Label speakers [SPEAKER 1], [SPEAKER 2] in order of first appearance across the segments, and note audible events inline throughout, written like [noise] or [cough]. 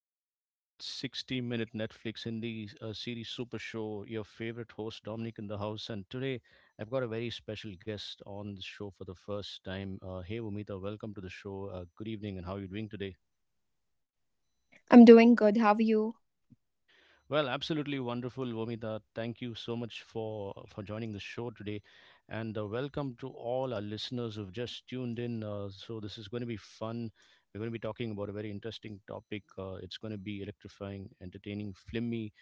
[SPEAKER 1] to the ultimate 60-minute Netflix indie series super show. Your favorite host Dominic in the house, and today I've got a very special guest on the show for the first time. Hey Umita, welcome to the show. Good evening, and how are you doing today?
[SPEAKER 2] I'm doing good. How are you?
[SPEAKER 1] Well, absolutely wonderful, Vomita. Thank you so much for joining the show today, and welcome to all our listeners who've just tuned in. So this is going to be fun. We're going to be talking about a very interesting topic. It's going to be electrifying, entertaining, flimmy,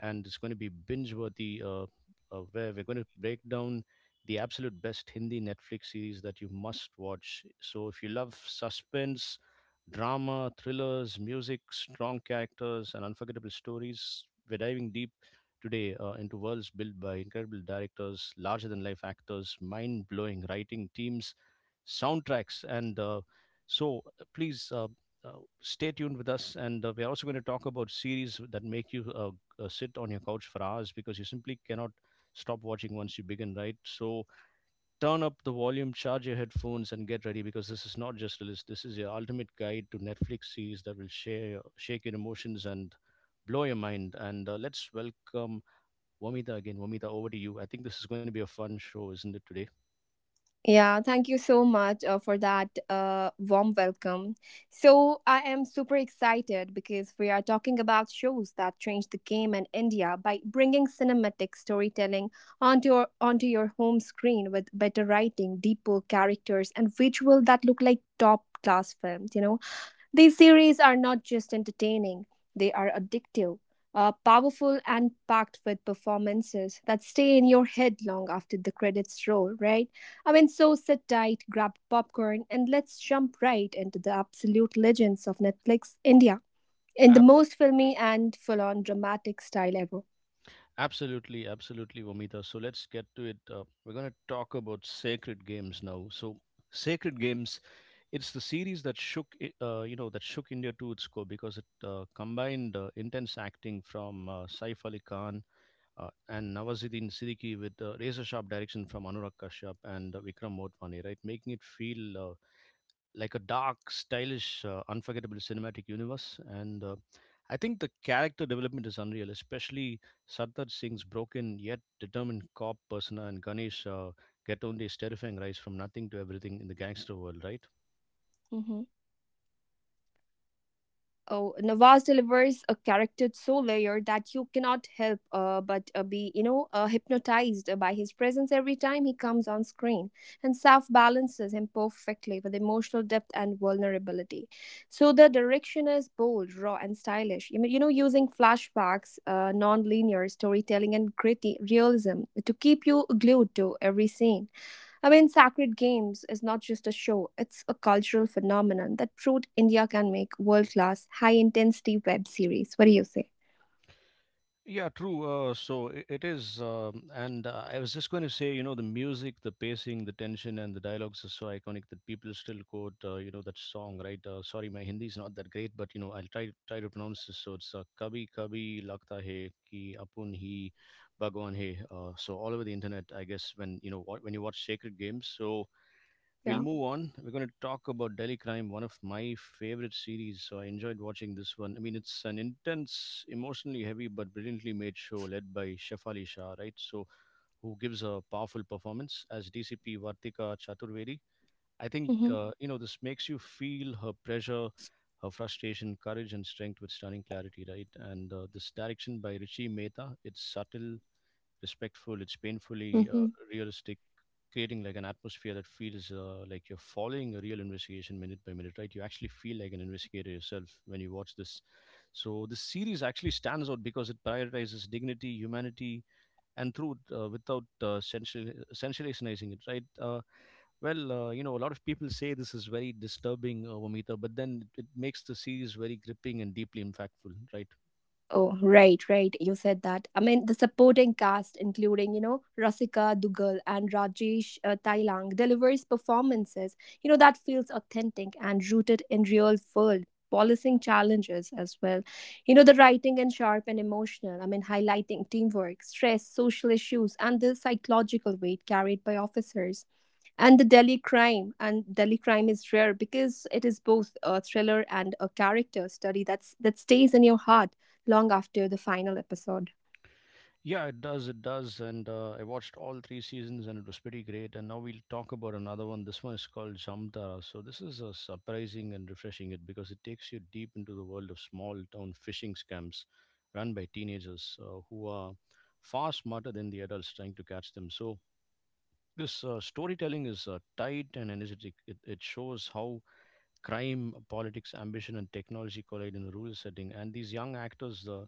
[SPEAKER 1] and it's going to be binge-worthy. Where we're going to break down the absolute best Hindi Netflix series that you must watch. So if you love suspense, drama, thrillers, music, strong characters, and unforgettable stories, we're diving deep today into worlds built by incredible directors, larger than life actors, mind blowing writing teams, soundtracks, and please. Uh, stay tuned with us, and we're also going to talk about series that make you sit on your couch for hours because you simply cannot stop watching once you begin, right? So turn up the volume, charge your headphones, and get ready because this is not just a list. This is your ultimate guide to Netflix series that will shake your emotions and blow your mind. And let's welcome Vamita again. Vamita, over to you. I think this is going to be a fun show, isn't it today?
[SPEAKER 2] Yeah, thank you so much for that warm welcome. So, I am super excited because we are talking about shows that changed the game in India by bringing cinematic storytelling onto your home screen with better writing, deeper characters, and visual that look like top class films. These series are not just entertaining, they are addictive, powerful, and packed with performances that stay in your head long after the credits roll, right? I mean, so sit tight, grab popcorn, and let's jump right into the absolute legends of Netflix India in the
[SPEAKER 1] Ab-
[SPEAKER 2] most filmy and full on dramatic style ever.
[SPEAKER 1] absolutely, absolutely, Vamita. So
[SPEAKER 2] [clears throat]
[SPEAKER 1] let's get to it. We're going to talk about Sacred Games now. So Sacred Games, it's the series that you know, that shook India to its core because it combined intense acting from Saif Ali Khan and Nawazuddin Siddiqui with razor sharp direction from Anurag Kashyap and Vikram Motwani, right? Making it feel like a dark, stylish, unforgettable cinematic universe. And I think the character development is unreal, especially Sardar Singh's broken yet determined cop persona and Ganesh Gatonde's terrifying rise from nothing to everything in the gangster world, right?
[SPEAKER 2] Ujú. Oh, Nawaz delivers a character so layered that you cannot help but be, hypnotized by his presence every time he comes on screen. And Saf balances him perfectly with emotional depth and vulnerability. So the direction is bold, raw, and stylish. You mean- you know, using flashbacks, non-linear storytelling, and gritty realism to keep you glued to every scene. I mean, Sacred Games is not just a show, it's a cultural phenomenon that proved India can make world class, high intensity web series. What do you say?
[SPEAKER 1] Yeah, true. So I- it is,
[SPEAKER 2] [coughs]
[SPEAKER 1] and I was just going to say, you know, the music, the pacing, the tension, and the dialogues are so iconic that people still quote, you know, that song, right? Sorry, my Hindi is not that great, but you know, I'll try to pronounce this. So it's "Kabhi Kabhi Lagta Hai Ki Apun Hi Bhagwan Hai." So all over the internet, I guess, when when you watch Sacred Games, so
[SPEAKER 2] [clears throat]
[SPEAKER 1] we'll
[SPEAKER 2] yeah.
[SPEAKER 1] move on. We're going to talk about Delhi Crime, one of my favorite series. So I enjoyed watching this one. I mean, it's an intense, emotionally heavy, but brilliantly made show led by Shefali Shah, right? So who gives a powerful performance as DCP Vartika Chaturvedi. I think,
[SPEAKER 2] Hmm.
[SPEAKER 1] you know, this makes you feel her pressure, her frustration, courage, and strength with stunning clarity, right? And this direction by Richie Mehta, it's subtle, respectful, it's painfully realistic, creating like an atmosphere that feels like you're following a real investigation minute by minute, right? You actually feel like an investigator yourself when you watch this. So this series actually stands out because it prioritizes dignity, humanity, and truth without sensationalizing it, right? You know, a lot of people say this is very disturbing, Vamita, but then it makes the series very gripping and deeply impactful, right?
[SPEAKER 2] Oh, right, right. You said that. I mean, the supporting cast, including, Rasika Dugal and Rajesh Tailang, delivers performances, that feels authentic and rooted in real world policing challenges as well. You know, the writing and sharp and emotional. I mean, highlighting teamwork, stress, social issues, and the psychological weight carried by officers and the Delhi crime. And Delhi crime is rare because it is both a thriller and a character study that stays in your heart long after the final episode.
[SPEAKER 1] Yeah, it does. It does. And I watched all three seasons and it was pretty great. And now we'll talk about another one. This one is called Samtara. So this is surprising and refreshing it because it takes you deep into the world of small town phishing scams run by teenagers who are far smarter than the adults trying to catch them. So this storytelling is tight and energetic. It shows how crime, politics, ambition, and technology collide in a rural setting. And these young actors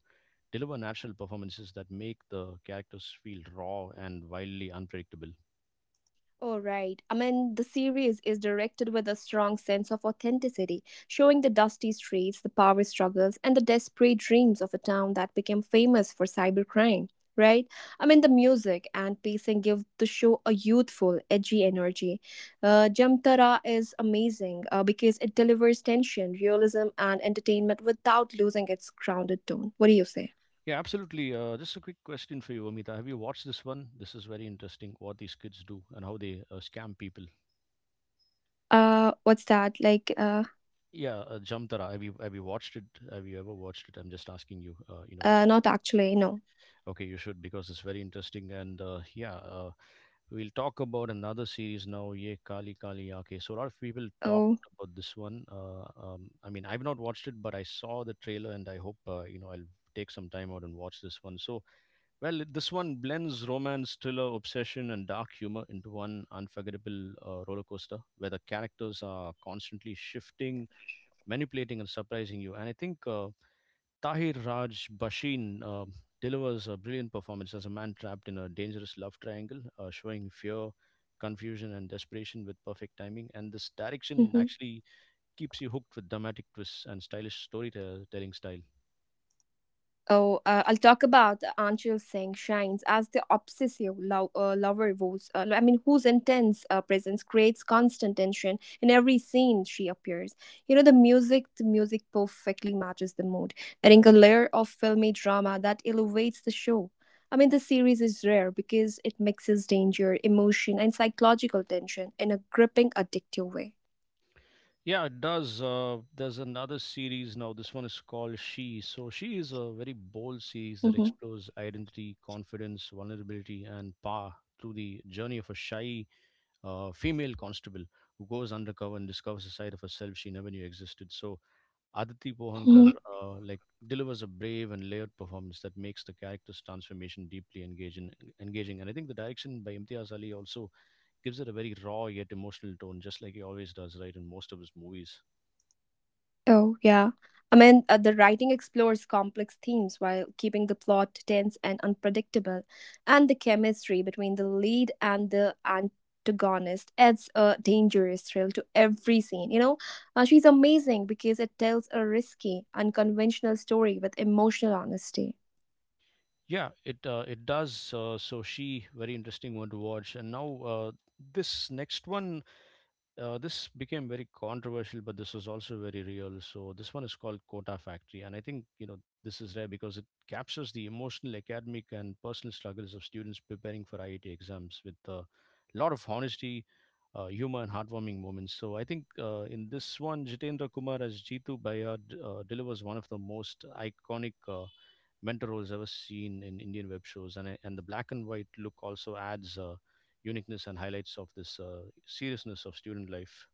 [SPEAKER 1] deliver natural performances that make the characters feel raw and wildly unpredictable.
[SPEAKER 2] All right. I mean, the series is directed with a strong sense of authenticity, showing the dusty streets, the power struggles, and the desperate dreams of a town that became famous for cybercrime, right? I mean, the music and pacing give the show a youthful, edgy energy. Jamtara is amazing because it delivers tension, realism, and entertainment without losing its grounded tone. What do you say?
[SPEAKER 1] Yeah, absolutely. Just a quick question for you, Amita. Have you
[SPEAKER 2] [clears throat]
[SPEAKER 1] watched this one? This is very interesting. What these kids do and how they scam people.
[SPEAKER 2] What's that? Like,
[SPEAKER 1] Yeah, Jamtara. Have you watched it? Have you ever watched it? I'm just asking you.
[SPEAKER 2] not actually, no.
[SPEAKER 1] Okay, you should because it's very interesting. And we'll talk about another series now, Ye Kali Kali Aake. So a lot of people talked
[SPEAKER 2] Oh.
[SPEAKER 1] about this one. I mean, I've not watched it, but I saw the trailer, and I hope you know, I'll take some time out and watch this one. So, well, this one blends romance, thriller, obsession, and dark humor into one unforgettable roller coaster where the characters are constantly shifting, manipulating, and surprising you. And I think. Tahir Raj Basheen delivers a brilliant performance as a man trapped in a dangerous love triangle, showing fear, confusion, and desperation with perfect timing. And this
[SPEAKER 2] 嗯
[SPEAKER 1] direction
[SPEAKER 2] 哼。
[SPEAKER 1] actually keeps you hooked with dramatic twists and stylish storytelling style.
[SPEAKER 2] Oh, I'll talk about Anshul Singh shines as the obsessive lover whose intense presence creates constant tension in every scene she appears. You know, the music perfectly matches the mood, adding a layer of filmy drama that elevates the show. I mean, the series is rare because it mixes danger, emotion, and psychological tension in a gripping, addictive way.
[SPEAKER 1] Yeah, it does. There's another series now. This one is called She. So She is a very bold series that
[SPEAKER 2] Mhm.
[SPEAKER 1] explores identity, confidence, vulnerability, and power through the journey of a shy female constable who goes undercover and discovers a side of herself she never knew existed. So Aditi Pohankar delivers a brave and layered performance that makes the character's transformation deeply engaging. And I think the direction by Imtiaz Ali also gives it a very raw yet emotional tone, just like he always does, right, in most of his movies.
[SPEAKER 2] Oh, yeah. I mean, the writing explores complex themes while keeping the plot tense and unpredictable, and the chemistry between the lead and the antagonist adds a dangerous thrill to every scene. You know, she's amazing because it tells a risky, unconventional story with emotional honesty.
[SPEAKER 1] Yeah, it does. So she very interesting one to watch. And now this next one this became very controversial, but this was also very real. So this one is called Kota Factory, and I think, you know, this is rare because it captures the emotional, academic, and personal struggles of students preparing for IIT exams with a lot of honesty, humor, and heartwarming moments. So I think in this one, Jitendra Kumar as Jitu Bayard delivers one of the most iconic mentor roles ever seen in Indian web shows, and the black and white look also adds uniqueness and highlights of this seriousness of student life.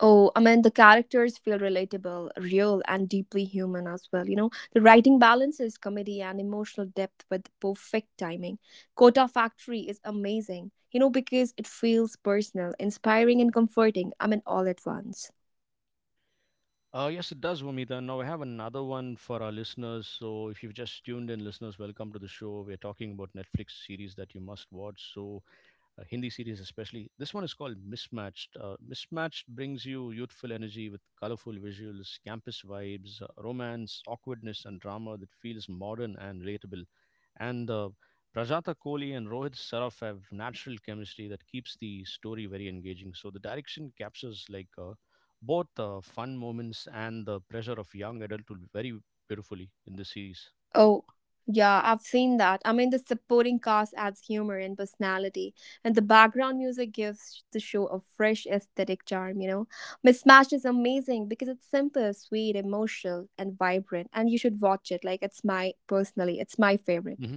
[SPEAKER 2] Oh, I mean, the characters feel relatable, real, and deeply human as well. You know, the writing balances comedy and emotional depth with perfect timing. Kota Factory is amazing, because it feels personal, inspiring, and comforting. I mean, all at once.
[SPEAKER 1] Yes, it does, Vomita. Now, I have another one for our listeners. So if you've just tuned in, listeners, welcome to the show. We're talking about Netflix series that you must watch. So, Hindi series especially. This one is called Mismatched. Mismatched brings you youthful energy with colorful visuals, campus vibes, romance, awkwardness, and drama that feels modern and relatable. And Prajata Kohli and Rohit Saraf have natural chemistry that keeps the story very engaging. So the direction captures both fun moments and the pressure of young adulthood very beautifully in this series.
[SPEAKER 2] Oh, yeah, I've seen that. I mean, the supporting cast adds humor and personality, and the background music gives the show a fresh aesthetic charm, you know? Mismatch is amazing because it's simple, sweet, emotional, and vibrant, and you should watch it. Like, it's my, personally, it's my favorite.
[SPEAKER 1] Mm-hmm.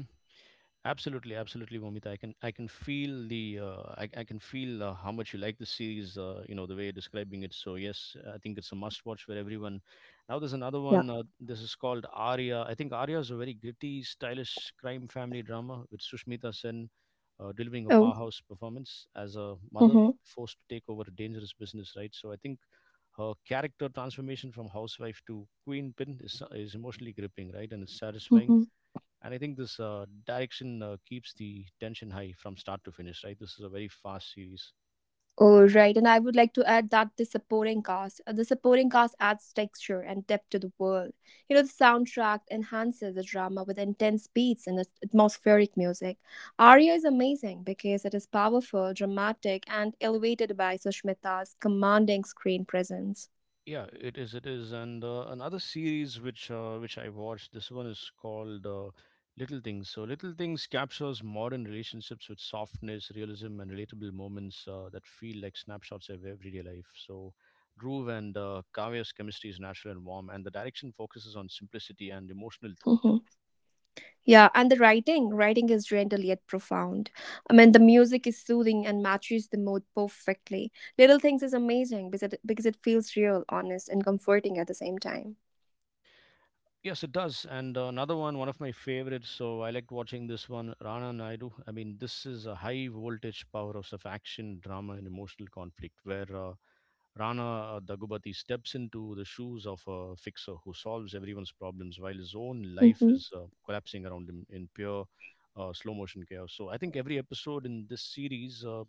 [SPEAKER 1] Absolutely, absolutely, Momita. I can feel the I can feel how much you like the series. You know, the way you're describing it. So yes,
[SPEAKER 2] [coughs]
[SPEAKER 1] I think it's a must-watch for everyone. Now there's another
[SPEAKER 2] Yeah.
[SPEAKER 1] one. This is called Arya. I think Arya is a very gritty, stylish crime family drama with Sushmita Sen delivering a
[SPEAKER 2] Oh.
[SPEAKER 1] powerhouse performance as a mother
[SPEAKER 2] Mm-hmm.
[SPEAKER 1] forced to take over a dangerous business. Right. So I think her character transformation from housewife to queen pin is emotionally gripping. Right, and it's satisfying,
[SPEAKER 2] Mm-hmm.
[SPEAKER 1] and I think this direction keeps the tension high from start to finish. Right, this is a very fast series.
[SPEAKER 2] Oh, right. And I would like to add that the supporting cast adds texture and depth to the world. You know, the soundtrack enhances the drama with intense beats and at- atmospheric music. Aria is amazing because it is powerful, dramatic, and elevated by Sushmita's commanding screen presence.
[SPEAKER 1] Yeah, it is, it is. And another series which I watched, this one is called Little Things. So Little Things captures modern relationships with softness,
[SPEAKER 2] [coughs]
[SPEAKER 1] realism, and relatable moments that feel like snapshots of everyday life. So Dhruv and Kavya's chemistry is natural and warm, and the direction focuses on simplicity and emotional truth.
[SPEAKER 2] [clears throat] Yeah, and the writing is gentle yet profound. I mean, the music is soothing and matches the mood perfectly. Little Things is amazing because it feels real, honest, and comforting at the same time.
[SPEAKER 1] Yes, it does. And another one, one of my favorites. So I liked watching this one, Rana Naidu. I mean, this is a high voltage powerhouse of action, drama, and emotional conflict where Rana Dagubati steps into the shoes of a fixer who solves everyone's problems while his own life
[SPEAKER 2] Mm-hmm.
[SPEAKER 1] is collapsing around him in pure slow motion chaos. So I think every episode in this series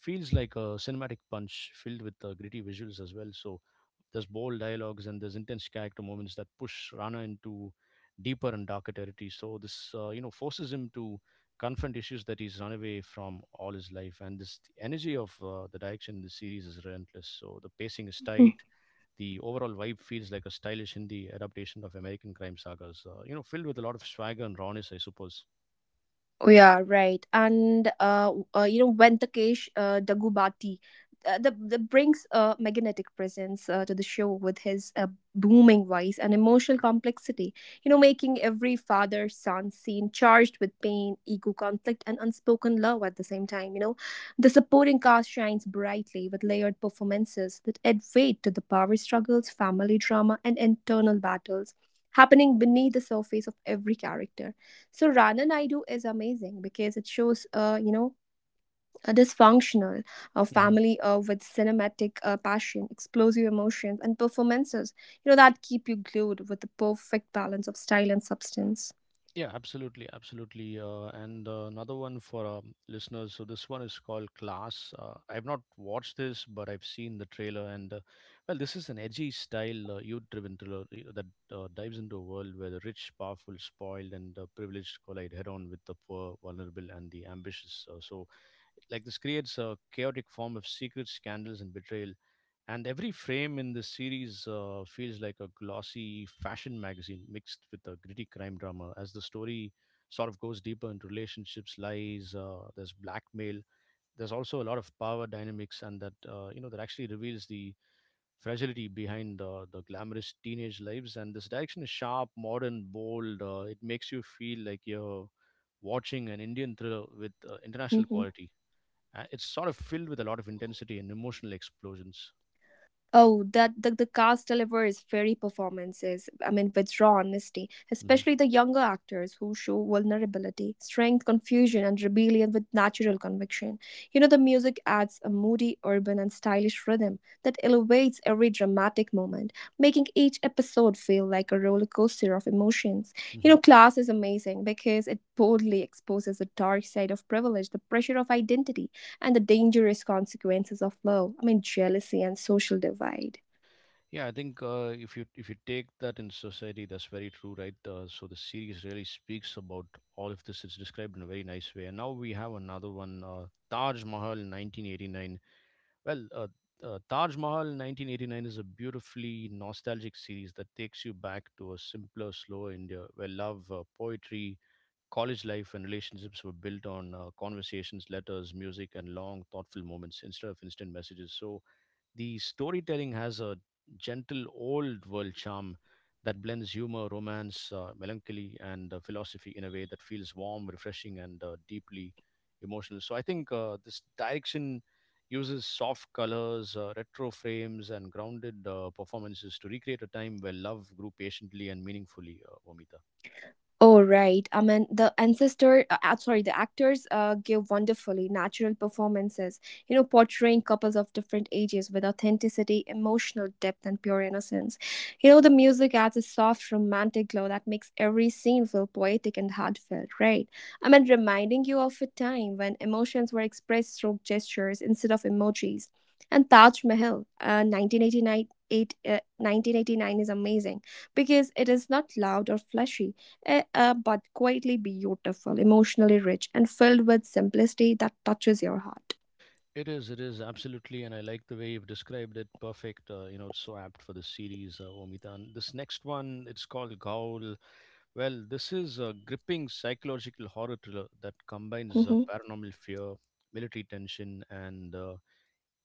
[SPEAKER 1] feels like a cinematic punch filled with gritty visuals as well. So there's bold dialogues and there's intense character moments that push Rana into deeper and darker territory. So this forces him to confront issues that he's run away from all his life. And this the energy of the direction in the series is relentless. So the pacing is tight. The overall vibe feels like a stylish Hindi adaptation of American crime sagas. Filled with a lot of swagger and rawness, I suppose.
[SPEAKER 2] Oh, yeah, right. And w- you know, Venkatesh Dagubati, the brings a magnetic presence to the show with his booming voice and emotional complexity. You know, making every father-son scene charged with pain, ego conflict, and unspoken love at the same time. You know, the supporting cast shines brightly with layered performances that add weight to the power struggles, family drama, and internal battles happening beneath the surface of every character. So Rana Naidu is amazing because it shows, a dysfunctional family with cinematic passion, explosive emotions, and performances, that keep you glued with the perfect balance of style and substance.
[SPEAKER 1] Yeah, absolutely, absolutely. And another
[SPEAKER 2] [clears throat]
[SPEAKER 1] one for listeners. So this one is called Class. I've not watched this, but I've seen the trailer. And well, this is an edgy style youth-driven thriller that dives into a world where the rich, powerful, spoiled, and privileged collide head-on with the poor, vulnerable, and the ambitious. Like this creates a chaotic form of secret scandals and betrayal, and every frame in this series feels like a glossy fashion magazine mixed with a gritty crime drama as the story sort of goes deeper into relationships, lies, there's blackmail, there's also a lot of power dynamics, and that you know that actually reveals the fragility behind the glamorous teenage lives. And this direction is sharp, modern, bold. It makes you feel like you're watching an Indian thriller with international
[SPEAKER 2] Mhm.
[SPEAKER 1] quality. It's sort of filled with a lot of intensity and emotional explosions.
[SPEAKER 2] Oh, that the, cast delivers very performances. I mean, with raw honesty, especially the younger actors who show vulnerability, strength, confusion, and rebellion with natural conviction. You know, the music adds a moody, urban, and stylish rhythm that elevates every dramatic moment, making each episode feel like a roller coaster of emotions. You
[SPEAKER 1] hmm
[SPEAKER 2] know, class is amazing because it boldly exposes the dark side of privilege, the pressure of identity and the dangerous consequences of love. I mean, jealousy and social divide.
[SPEAKER 1] Yeah, I think if you take that in society, that's very true, right? So the series really speaks about all of this. It's described in a very nice way. And now we have another one, Taj Mahal, in 1989. Well, Taj Mahal, in 1989 is a beautifully nostalgic series that takes you back
[SPEAKER 2] [clears throat]
[SPEAKER 1] to a
[SPEAKER 2] Oh my
[SPEAKER 1] simpler, slower India where love, poetry,
[SPEAKER 2] goodness.
[SPEAKER 1] college
[SPEAKER 2] Stop.
[SPEAKER 1] life, and relationships were built on conversations, letters, music, and long, thoughtful moments instead of instant messages. So the storytelling has a gentle old world charm that blends humor, romance, melancholy, and philosophy in a way that feels warm, refreshing, and deeply emotional. So I think this direction uses soft colors, retro frames, and grounded performances to recreate a time where love grew patiently and meaningfully, Vomita.
[SPEAKER 2] Oh, right. I mean, the ancestor, sorry, the actors give wonderfully natural performances, you know, portraying couples of different ages with authenticity, emotional depth, and pure innocence. You know, the music adds a soft, romantic glow that makes every scene feel poetic and heartfelt, right? I mean, reminding you of a time when emotions were expressed through gestures instead of emojis. And Taj Mahal, 1989 is amazing because it is not loud or flashy, but quietly beautiful, emotionally rich, and filled with simplicity that touches your heart.
[SPEAKER 1] It is, it is, absolutely, and I like the way you've described it. Perfect. You know, it's so apt for this series, Omita. And this next one, it's called Gaul. Well, this is a gripping psychological horror thriller that combines
[SPEAKER 2] [laughs]
[SPEAKER 1] paranormal fear, military tension, and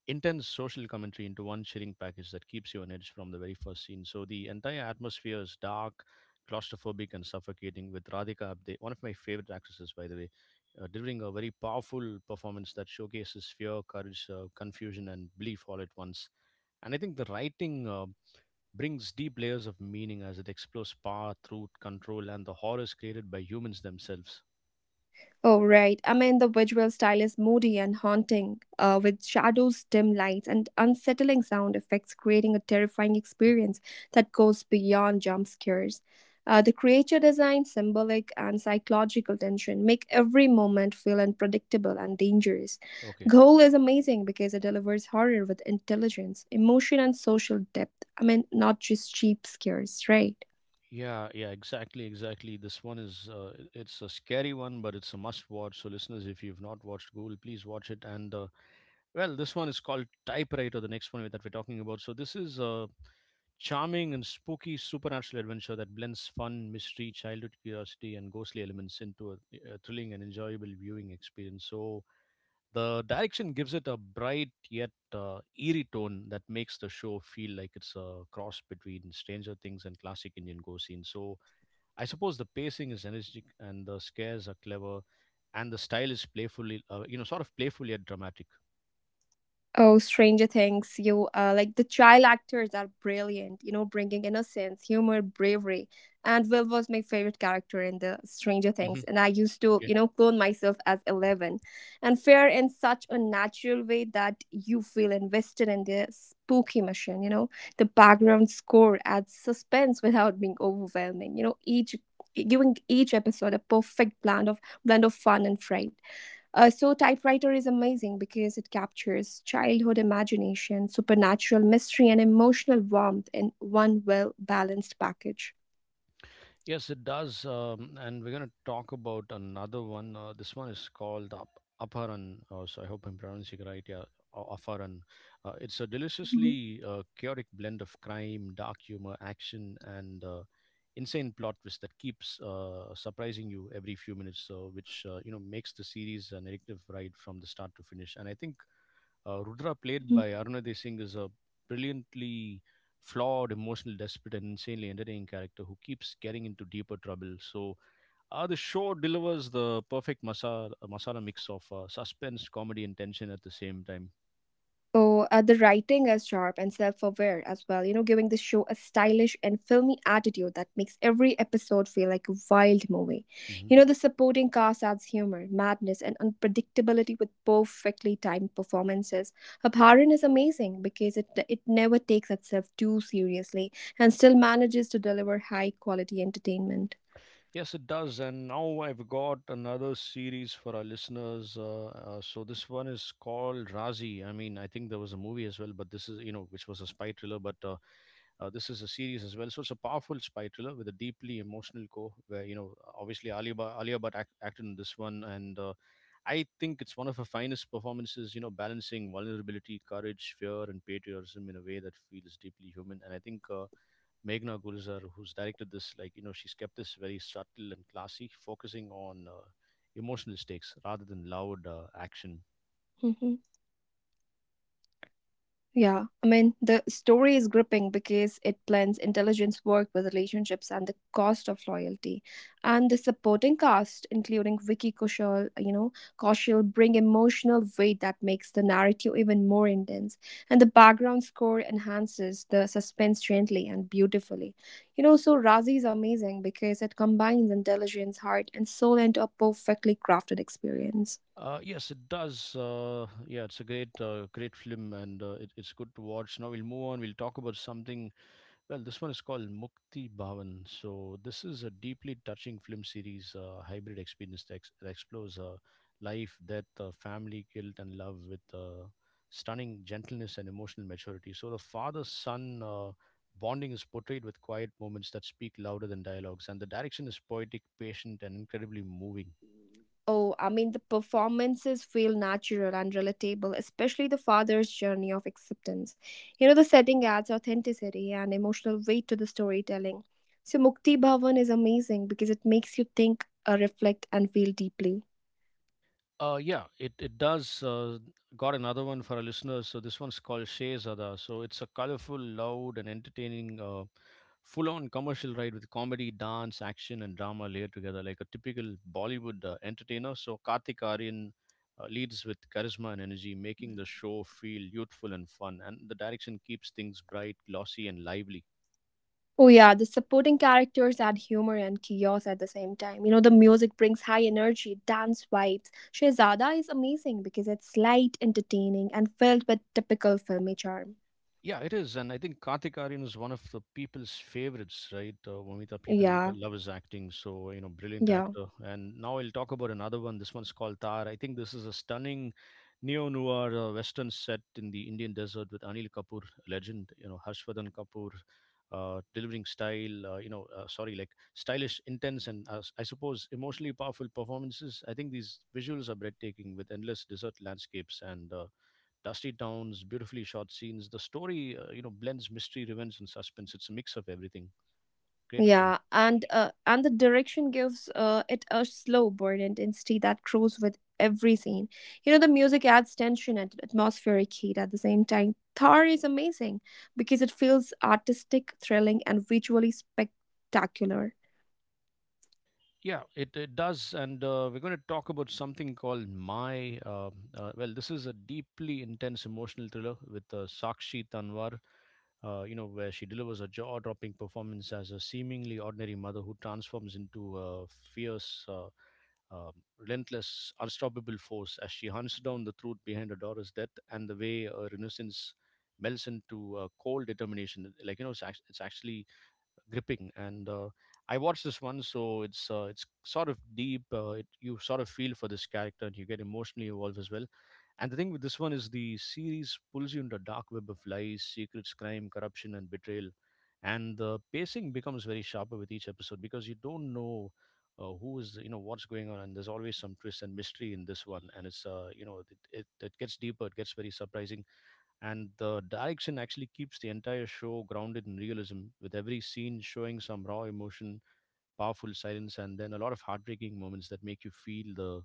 [SPEAKER 1] intense social commentary into one chilling package that keeps you on edge from the very first scene. So the entire atmosphere is dark, claustrophobic, and suffocating, with Radhika Apte, one of my favorite actresses, by the way, delivering a very powerful performance that showcases fear, courage, confusion, and belief all at once. And I think the writing brings deep layers of meaning as it explores power, truth, control, and the horrors created by humans themselves.
[SPEAKER 2] Oh, right. I mean, the visual style is moody and haunting, with shadows, dim lights, and unsettling sound effects, creating a terrifying
[SPEAKER 1] Mm.
[SPEAKER 2] experience that goes beyond jump scares. The creature design, symbolic, and psychological tension make every moment feel unpredictable and dangerous.
[SPEAKER 1] Okay.
[SPEAKER 2] Goal is amazing because it delivers horror with intelligence, emotion, and social depth. I mean, not just cheap scares, right?
[SPEAKER 1] Yeah, yeah, exactly, exactly. This one is it's a scary one, but it's a must watch. So listeners, if you've not watched Ghoul, please watch it. And well, this one is called Typewriter, the next one that we're talking about. So this is a charming and spooky supernatural adventure that blends fun, mystery, childhood curiosity, and ghostly elements into a thrilling and enjoyable viewing experience. So the direction gives it a bright yet eerie tone that makes the show feel like it's a cross between Stranger Things and classic Indian ghost scenes. So I suppose the pacing is energetic, and the scares are clever, and the style is sort of playful yet dramatic.
[SPEAKER 2] Oh, Stranger Things, you like the child actors are brilliant, bringing innocence, humor, bravery. And Will was my favorite character in the Stranger Things.
[SPEAKER 1] Hmm.
[SPEAKER 2] And I used to,
[SPEAKER 1] Okay.
[SPEAKER 2] you know, clone myself as 11 and fair in such a natural way that you feel invested in the spooky mission, you know. The background score adds suspense without being overwhelming, you know, each giving each episode a perfect blend of fun and fright. So typewriter is amazing because it captures childhood imagination, supernatural mystery, and emotional warmth in one well balanced package.
[SPEAKER 1] Yes, it does. And we're going to talk about another one. This one is called Aparan. So I hope I'm pronouncing it right. Yeah. Aparan. It's a
[SPEAKER 2] Mhm.
[SPEAKER 1] deliciously chaotic blend of crime, dark humor, action, and insane plot twist that keeps surprising you every few minutes, so which makes the series an addictive ride from the start to finish. And I think. Rudra, played by Arunadhi Singh, is a brilliantly flawed, emotional, desperate, and insanely entertaining character who keeps getting into deeper trouble. So, the show delivers the perfect masala mix of suspense, comedy, and tension at the same time.
[SPEAKER 2] So the writing is sharp and self-aware as well, you know, giving the show a stylish and filmy attitude that makes every episode feel like a wild movie.
[SPEAKER 1] hmm
[SPEAKER 2] You know, the supporting cast adds humor, madness, and unpredictability with perfectly timed performances. Abharan is amazing because it never takes itself too seriously and still manages to deliver high-quality entertainment.
[SPEAKER 1] Yes, it does. And now I've got another series for our listeners. So this one is
[SPEAKER 2] [clears throat]
[SPEAKER 1] called Razi. I mean, I think there was a movie as well, but this is, you know, which was a spy thriller. But this is a series as well, so it's a powerful spy thriller with a deeply emotional core, where you know, obviously Ali Bhatt acted in this one, and I think it's one of her finest performances. You know, balancing vulnerability, courage, fear, and patriotism in a way that feels deeply human. And I think Meghna Gulzar, who's directed this, like you know, she's kept this very subtle and classy, focusing on emotional stakes rather than loud action.
[SPEAKER 2] 嗯哼。Yeah, I mean, the story is gripping because it blends intelligence work with relationships and the cost of loyalty. And the supporting cast, including Vicky Kaushal, bring emotional weight that makes the narrative even more intense. And the background score enhances the suspense gently and beautifully. You know, so Razi is amazing because it combines intelligence, heart, and soul into a perfectly crafted experience.
[SPEAKER 1] Yes, it does. Yeah, it's a great, great film, and it's good to watch. Now we'll move on. We'll talk about
[SPEAKER 2] [clears throat]
[SPEAKER 1] something. Well, this one is called Mukti Bhavan. So this is a deeply touching film series, hybrid experience that explores life, death, family, guilt, and love with stunning gentleness and emotional maturity. So the father-son bonding is portrayed with quiet moments that speak louder than dialogues, and the direction is poetic, patient, and incredibly moving.
[SPEAKER 2] Oh, I mean, the performances feel natural and relatable, especially the father's journey of acceptance. You know, the setting adds authenticity and emotional weight to the storytelling. So, Mukti Bhavan is amazing because it makes you think, reflect, and feel deeply.
[SPEAKER 1] Yeah, it does. Got another one for our listeners. So this one's called Shehzada. So it's a colorful, loud, and entertaining, full-on commercial ride with comedy, dance, action, and drama layered together, like a typical Bollywood entertainer. So Kartik Aryan leads with charisma and energy,
[SPEAKER 2] Mhm.
[SPEAKER 1] making the show feel youthful and fun. And the direction keeps things bright, glossy, and lively.
[SPEAKER 2] Oh yeah, the supporting characters add humor and chaos at the same time. You know, the music brings high energy, dance vibes. Shehzada is amazing because it's light, entertaining, and filled with typical filmy charm.
[SPEAKER 1] Yeah, it is, and I think Kartik Aaryan is one of the people's favorites, right? Vomita, people
[SPEAKER 2] Yeah,
[SPEAKER 1] love his acting, so you know, brilliant
[SPEAKER 2] yeah.
[SPEAKER 1] actor. And now I'll talk about another one. This one's called Tar. I think this is a stunning
[SPEAKER 2] [coughs] [clears throat]
[SPEAKER 1] neo-noir western set in the Indian desert with Anil Kapoor, legend. You know, Harshvardhan Kapoor, delivering style. You know, sorry, like stylish, intense, and I suppose emotionally powerful performances. I think these visuals are breathtaking with endless desert landscapes and dusty towns, beautifully shot scenes. The story, blends mystery, revenge, and suspense. It's a mix of everything. Great film.
[SPEAKER 2] Yeah, and the direction gives it a slow burn intensity that grows with every scene. You know, the music adds tension and atmospheric heat at the same time. Thar is amazing because it feels artistic, thrilling, and visually spectacular.
[SPEAKER 1] Yeah, it does. And we're going to talk about something called My. Well, this is a deeply intense emotional thriller with Sakshi Tanwar, you know, where she delivers a jaw dropping performance as a seemingly ordinary mother who transforms into a fierce, um, relentless, unstoppable force as she hunts down the truth behind Adora's death, and the way her innocence melts into cold determination. Like you know, it's actually gripping. And I watched this one, so it's sort of deep. You sort of feel for this character, and you get emotionally involved as well. And the thing with this one is the series pulls you into a dark web of lies, secrets, crime, corruption, and betrayal. And the pacing becomes very sharper with each episode, because you don't know who is, you know, what's going on. And there's always some twist and mystery in this one. And it's, you know, it gets deeper, it gets very surprising, and the direction actually keeps the entire show grounded in realism, with every scene showing some raw emotion, powerful silence, and then a lot of heartbreaking moments that make you feel the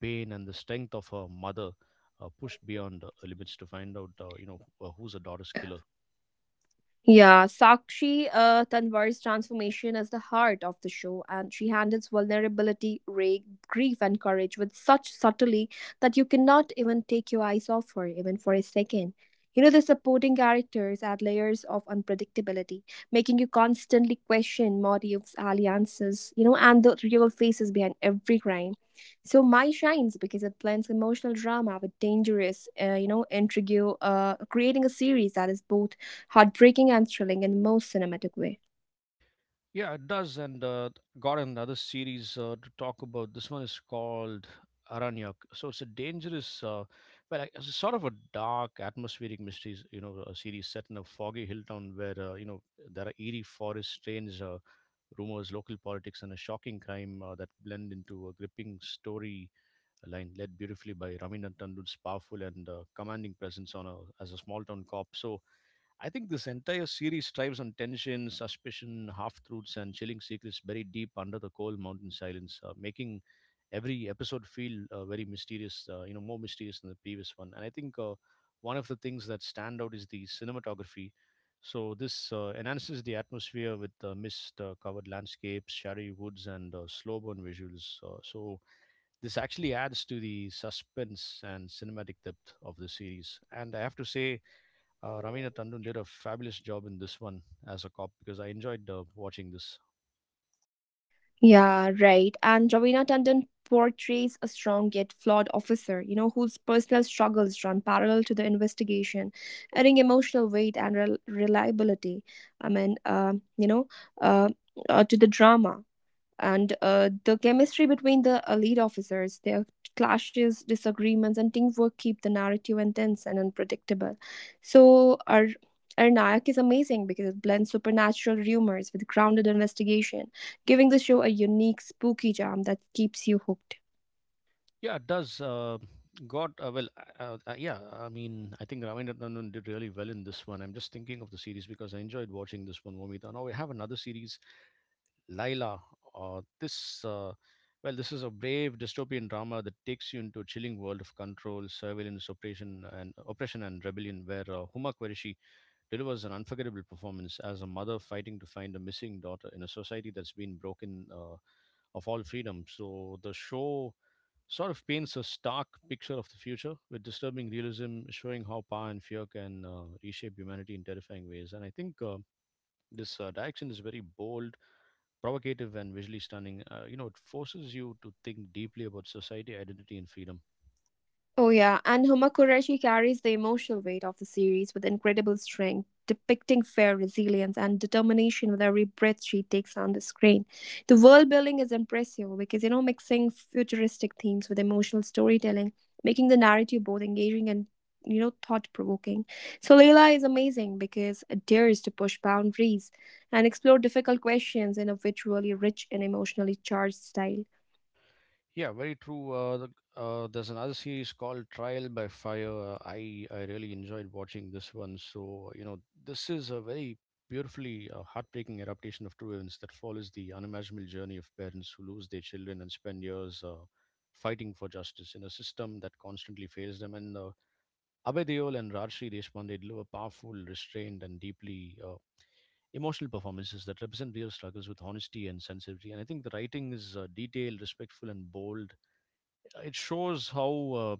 [SPEAKER 1] pain and the strength of a mother pushed beyond limits to find out who's a daughter's killer.
[SPEAKER 2] Yeah, Sakshi Tanwar's transformation is the heart of the show, and she handles vulnerability, rage, grief, and courage with such subtlety that you cannot even take your eyes off her, even for a second. You know, the supporting characters add layers of unpredictability, making you constantly question motives, alliances, and the real faces behind every crime. So, Mai shines because it blends emotional drama with dangerous, intrigue, creating a series that is both heartbreaking and thrilling in the most cinematic way.
[SPEAKER 1] Yeah, it does. And got another series to talk about. This one is called Aranyak. So it's a well, it's a sort of a dark atmospheric mysteries, you know, a series set in a foggy hill town where, there are eerie forests, strange rumors, local politics, and a shocking crime that blend into a gripping story line led beautifully by Raminathan Tandu's powerful and commanding presence as a small town cop. So I think this entire series strives on tension, suspicion, half truths, and chilling secrets buried deep under the cold mountain silence, making every episode feel very mysterious, more mysterious than the previous one. And I think one of the things that stand out is the cinematography. So this enhances the atmosphere with mist-covered landscapes, shadowy woods, and slow-burn visuals. So this actually adds to the suspense and cinematic depth of the series. And I have to say, Ravina Tandon did a fabulous job in this one as a cop because I enjoyed watching this.
[SPEAKER 2] Yeah, right. And Ravina Tandon portrays a strong yet flawed officer, you know, whose personal struggles run parallel to the investigation, adding emotional weight and reliability. I mean, uh, you know, uh, to the drama. And the chemistry between the elite officers, their clashes, disagreements, and teamwork keep the narrative intense and unpredictable. So our Nayak is amazing because it blends supernatural rumors with grounded investigation, giving the show a unique spooky charm that keeps you hooked.
[SPEAKER 1] Yeah, it does. Got uh, well. Yeah, I mean, I think Ravindra Tandon did really well in this
[SPEAKER 2] Reliability,
[SPEAKER 1] one. I'm just thinking of the series
[SPEAKER 2] relatability.
[SPEAKER 1] because I enjoyed watching this one, Vomita. Now we have another series, Laila. Uh, this, uh, this is a brave dystopian drama that takes you
[SPEAKER 2] Leela.
[SPEAKER 1] into a chilling world of control, surveillance, oppression, and oppression and
[SPEAKER 2] [clears throat]
[SPEAKER 1] rebellion, where
[SPEAKER 2] [coughs]
[SPEAKER 1] Huma Qureshi delivers an unforgettable performance as a mother fighting to find a missing daughter in a society that's been broken of all freedom. So the show sort of paints a stark picture of the future with disturbing realism, showing how power and fear can reshape humanity in terrifying ways. And I think this direction is very bold, provocative, and visually stunning. You know, it forces you to think deeply about society, identity, and freedom.
[SPEAKER 2] Oh, yeah, and Huma Qureshi carries the emotional weight of the series with incredible strength, depicting fair resilience and determination with every breath she takes on the screen. The world building is impressive because, you know, mixing futuristic themes with emotional storytelling, making the narrative both engaging and, you know, thought provoking. So, Leila is amazing because it dares to push boundaries and explore difficult questions in a visually rich and emotionally charged style.
[SPEAKER 1] Yeah, very true. There's another series called Trial by
[SPEAKER 2] [clears throat] [coughs]
[SPEAKER 1] Fire. I really enjoyed watching this one. So you know, this is a very beautifully heartbreaking adaptation of true events that follows the unimaginable journey of parents who lose their children and spend years fighting for justice in a system that constantly fails them. And Abhay Deol and Rajshri Deshpande deliver powerful, restrained, and deeply emotional performances that represent real struggles with honesty and sensitivity. And I think the writing is detailed, respectful, and bold. It shows how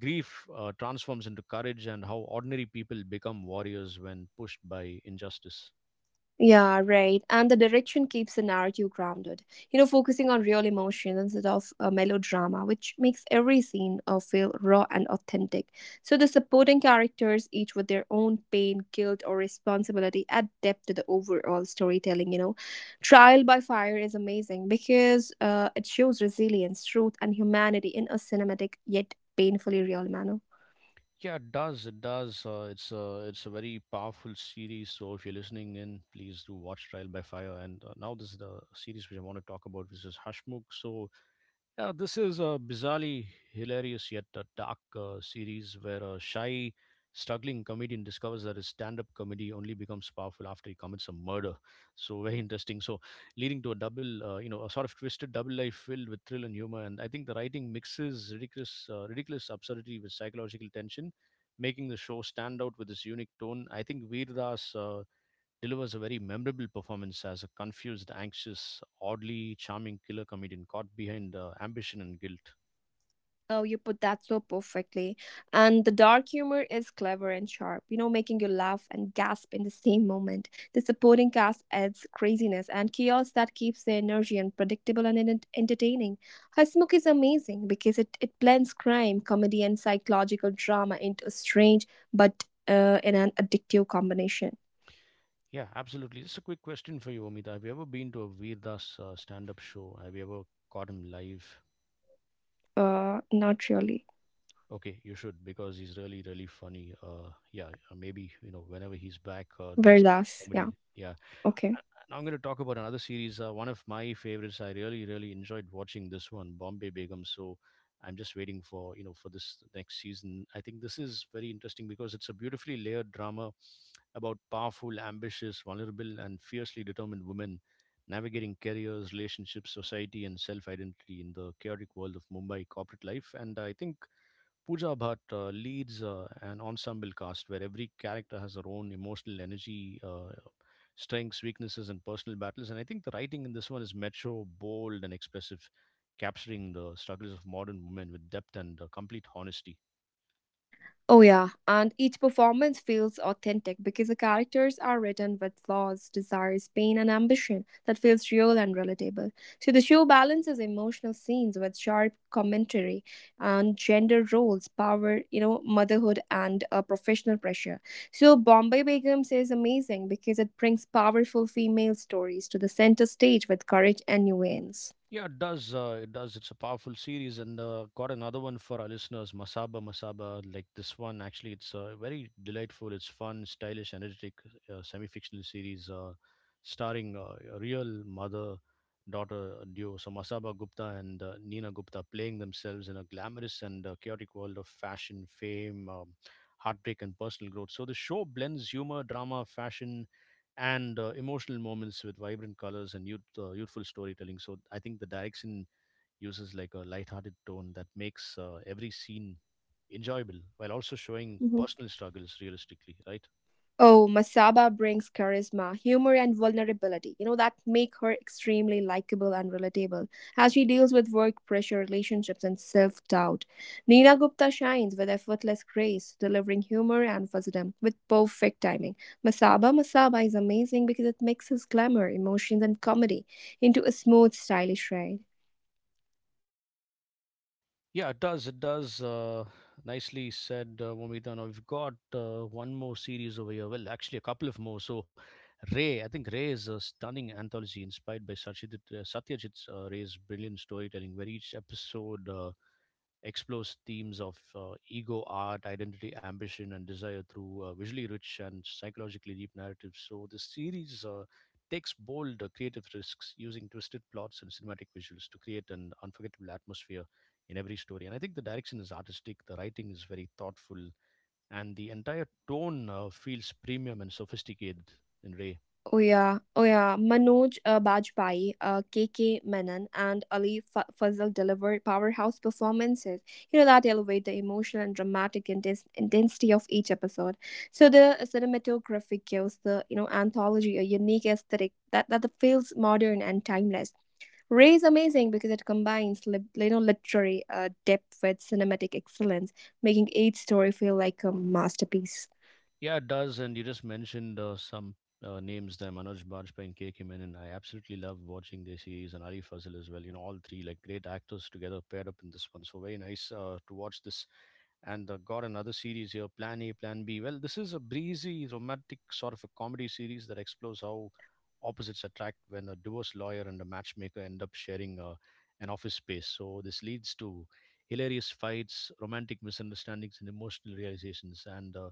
[SPEAKER 1] grief transforms into courage and how ordinary people become warriors when pushed by injustice.
[SPEAKER 2] Yeah, right. And the direction keeps the narrative grounded, you know, focusing on real emotions instead of melodrama, which makes every scene feel raw and authentic. So the supporting characters, each with their own pain, guilt, or responsibility, add depth to the overall storytelling, you know. Trial by Fire is amazing because it shows resilience, truth, and humanity in a cinematic yet painfully real manner.
[SPEAKER 1] Yeah, it does. It does. It's a very powerful series. So if you're listening in, please do watch Trial by Fire. And now this is the series which I want to talk about, which is Hashmukh. So yeah, this is a bizarrely hilarious yet a dark series where a shy, struggling comedian discovers that his stand-up comedy only becomes powerful after he commits a murder. [laughs] So very
[SPEAKER 2] [coughs]
[SPEAKER 1] interesting. So leading to a you know, a sort of twisted double life filled with thrill and humor. And I think the writing mixes ridiculous absurdity with psychological tension, making the show stand out with its unique tone. I think Veer Das delivers a very memorable performance as a confused, anxious, oddly charming killer comedian caught behind ambition and guilt.
[SPEAKER 2] Oh, you put that so perfectly. And the dark humor is clever and sharp, you know, making you laugh and gasp in the same moment. The supporting cast adds craziness and chaos that keeps the energy unpredictable and entertaining. Hasmukh is amazing because it blends crime, comedy, and psychological drama into a strange but in an addictive combination.
[SPEAKER 1] Yeah, absolutely. Just a quick question for you, Amita. Have you ever been to a Veer Das stand up show? Have you ever caught him live?
[SPEAKER 2] Not really.
[SPEAKER 1] Okay, you should because he's really, really funny. Yeah, maybe, you know, whenever he's back doing stand up
[SPEAKER 2] Verdas,
[SPEAKER 1] comedy.
[SPEAKER 2] yeah,
[SPEAKER 1] Yeah,
[SPEAKER 2] okay.
[SPEAKER 1] now I'm going to talk about another series. One of my favorites. I really, really enjoyed watching this one, Bombay Begum. So I'm just waiting for you know for this next season. I think this is very interesting because it's a beautifully layered drama about powerful, ambitious, vulnerable, and fiercely determined women navigating careers, relationships, society, and self identity in the chaotic world of Mumbai corporate life. And I think Pooja Bhatt leads an ensemble cast where every character has their own emotional strengths, weaknesses, and personal battles. And I think the writing in this one is metro, bold, and expressive, capturing the struggles of modern women with depth and complete honesty.
[SPEAKER 2] Oh, yeah, and each performance feels authentic because the characters are written with flaws, desires, pain, and ambition that feels real and relatable. So, the show balances emotional scenes with sharp commentary on gender roles, power, you know, motherhood, and professional pressure. So, Bombay Begums is amazing because it brings powerful female stories to the center stage with courage and nuance.
[SPEAKER 1] Yeah, it does. It does. It's a powerful series, and got another one for our listeners, Masaba Masaba. Like this one, actually, it's very delightful. It's fun, stylish, energetic, semi-fictional series, starring a real mother-daughter duo. So Masaba Gupta and Nina Gupta playing themselves in a glamorous and chaotic world of fashion, fame, heartbreak, and personal growth. So the show blends humor, drama, fashion and emotional moments with vibrant colors and youthful storytelling. So I think the direction uses like a lighthearted tone that makes every scene enjoyable while also showing
[SPEAKER 2] Mhm.
[SPEAKER 1] personal struggles realistically, right?
[SPEAKER 2] Oh, Masaba brings charisma, humor, and vulnerability, you know, that make her extremely likable and relatable as she deals with work pressure, relationships, and self doubt. Nina Gupta shines with effortless grace, delivering humor and wisdom with perfect timing. Masaba Masaba is amazing because it mixes glamour, emotions, and comedy into a smooth, stylish ride.
[SPEAKER 1] Yeah, it does. It does. Nicely said, Momita. Now we've got one more series over here. Well, actually, a couple of more. So, Ray, I think Ray is a stunning anthology inspired by Satyajit Ray's brilliant storytelling, where each episode explores themes of ego, art, identity, ambition, and desire through visually rich and psychologically deep narratives. So the series takes bold creative
[SPEAKER 2] [clears throat]
[SPEAKER 1] risks using twisted plots and cinematic visuals to create an unforgettable atmosphere in every story. And I think the direction is artistic, the writing is very thoughtful, and the entire tone feels premium and sophisticated in Ray.
[SPEAKER 2] Oh yeah, oh yeah. Manoj Bajpayee, K K Menon, and Ali Fazl delivered powerhouse performances You know that elevate the emotional and dramatic intensity of each episode. So the cinematography gives the, you know, anthology a unique aesthetic that feels modern and timeless. Ray is amazing because it combines you know, literary depth with cinematic excellence, making each story feel like a masterpiece.
[SPEAKER 1] Yeah, it does. And you just mentioned some names there Manoj Bajpayee and K.K. Menon. I absolutely love watching their series and Ali Fazil as well. You know, all three like great actors together paired up in this one. So, very nice to watch this. And got another series here Plan A, Plan B. Well, this is a breezy, romantic sort of a comedy series that explores how opposites attract when a divorce lawyer and a matchmaker end up sharing an office space. So, this leads to hilarious fights, romantic misunderstandings, and emotional realizations. And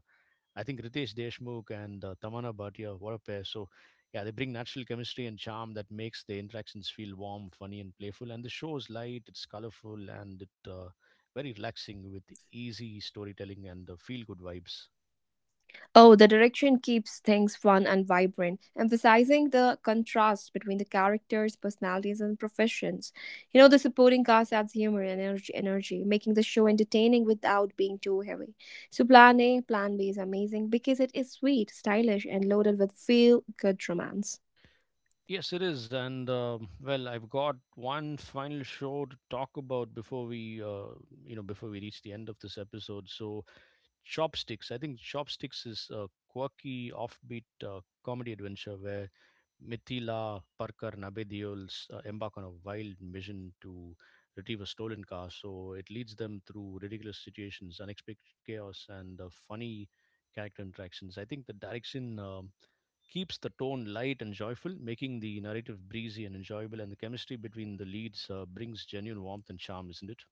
[SPEAKER 1] I think Ritesh Deshmukh and Tamana Bhatia, what a pair. So, yeah, they bring natural chemistry and charm that makes the interactions feel warm, funny, and playful. And the show is light, it's colorful, and it very relaxing with easy storytelling and feel good vibes.
[SPEAKER 2] Oh, the direction keeps things fun and vibrant, emphasizing the contrast between the characters, personalities, and professions. You know, the supporting cast adds humor and energy, making the show entertaining without being too heavy. So, Plan A, Plan B is amazing because it is sweet, stylish, and loaded with feel good romance.
[SPEAKER 1] Yes, it is. And well, I've got one final show to talk
[SPEAKER 2] [clears throat]
[SPEAKER 1] about before you know, before we reach the end of this episode. So Chopsticks. I think Chopsticks is a quirky, offbeat comedy adventure where Mithila Parker Nabediols embark on a wild mission to retrieve a stolen car. So it leads them through ridiculous situations, unexpected chaos, and funny character interactions. I think the direction keeps the tone light and joyful, making the narrative breezy and enjoyable, and the chemistry between the leads brings genuine warmth and charm, isn't it?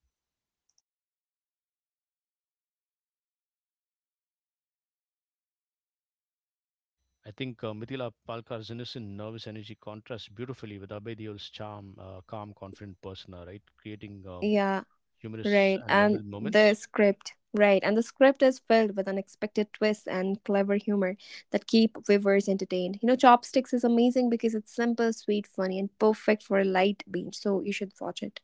[SPEAKER 2] Yeah, I mean, Mithila Palkar's innocent, nervous energy contrasts
[SPEAKER 1] I
[SPEAKER 2] beautifully
[SPEAKER 1] think
[SPEAKER 2] with
[SPEAKER 1] Mithila Palkar's
[SPEAKER 2] Abhidayal's.
[SPEAKER 1] innocent, nervous energy contrasts beautifully with Abhay Deol's charm, calm, confident persona, right? Creating
[SPEAKER 2] Yeah,
[SPEAKER 1] humorous
[SPEAKER 2] right.
[SPEAKER 1] and memorable moments.
[SPEAKER 2] And the script is filled with unexpected twists and clever humor that keep viewers entertained. You know, Chopsticks is amazing because it's simple, sweet, funny, and perfect for a light binge. So you should watch it.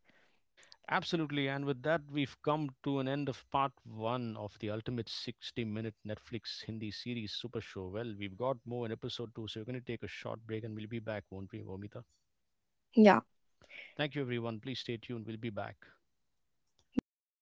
[SPEAKER 1] Absolutely. And with that, we've come to an end of part one of the ultimate 60-minute Netflix Hindi series Super Show. Well, we've got more in episode two, so we're going to take a short break and we'll be back, won't we, Vomita?
[SPEAKER 2] Yeah.
[SPEAKER 1] Thank you, everyone. Please stay tuned. We'll be back.
[SPEAKER 2] Bye bye.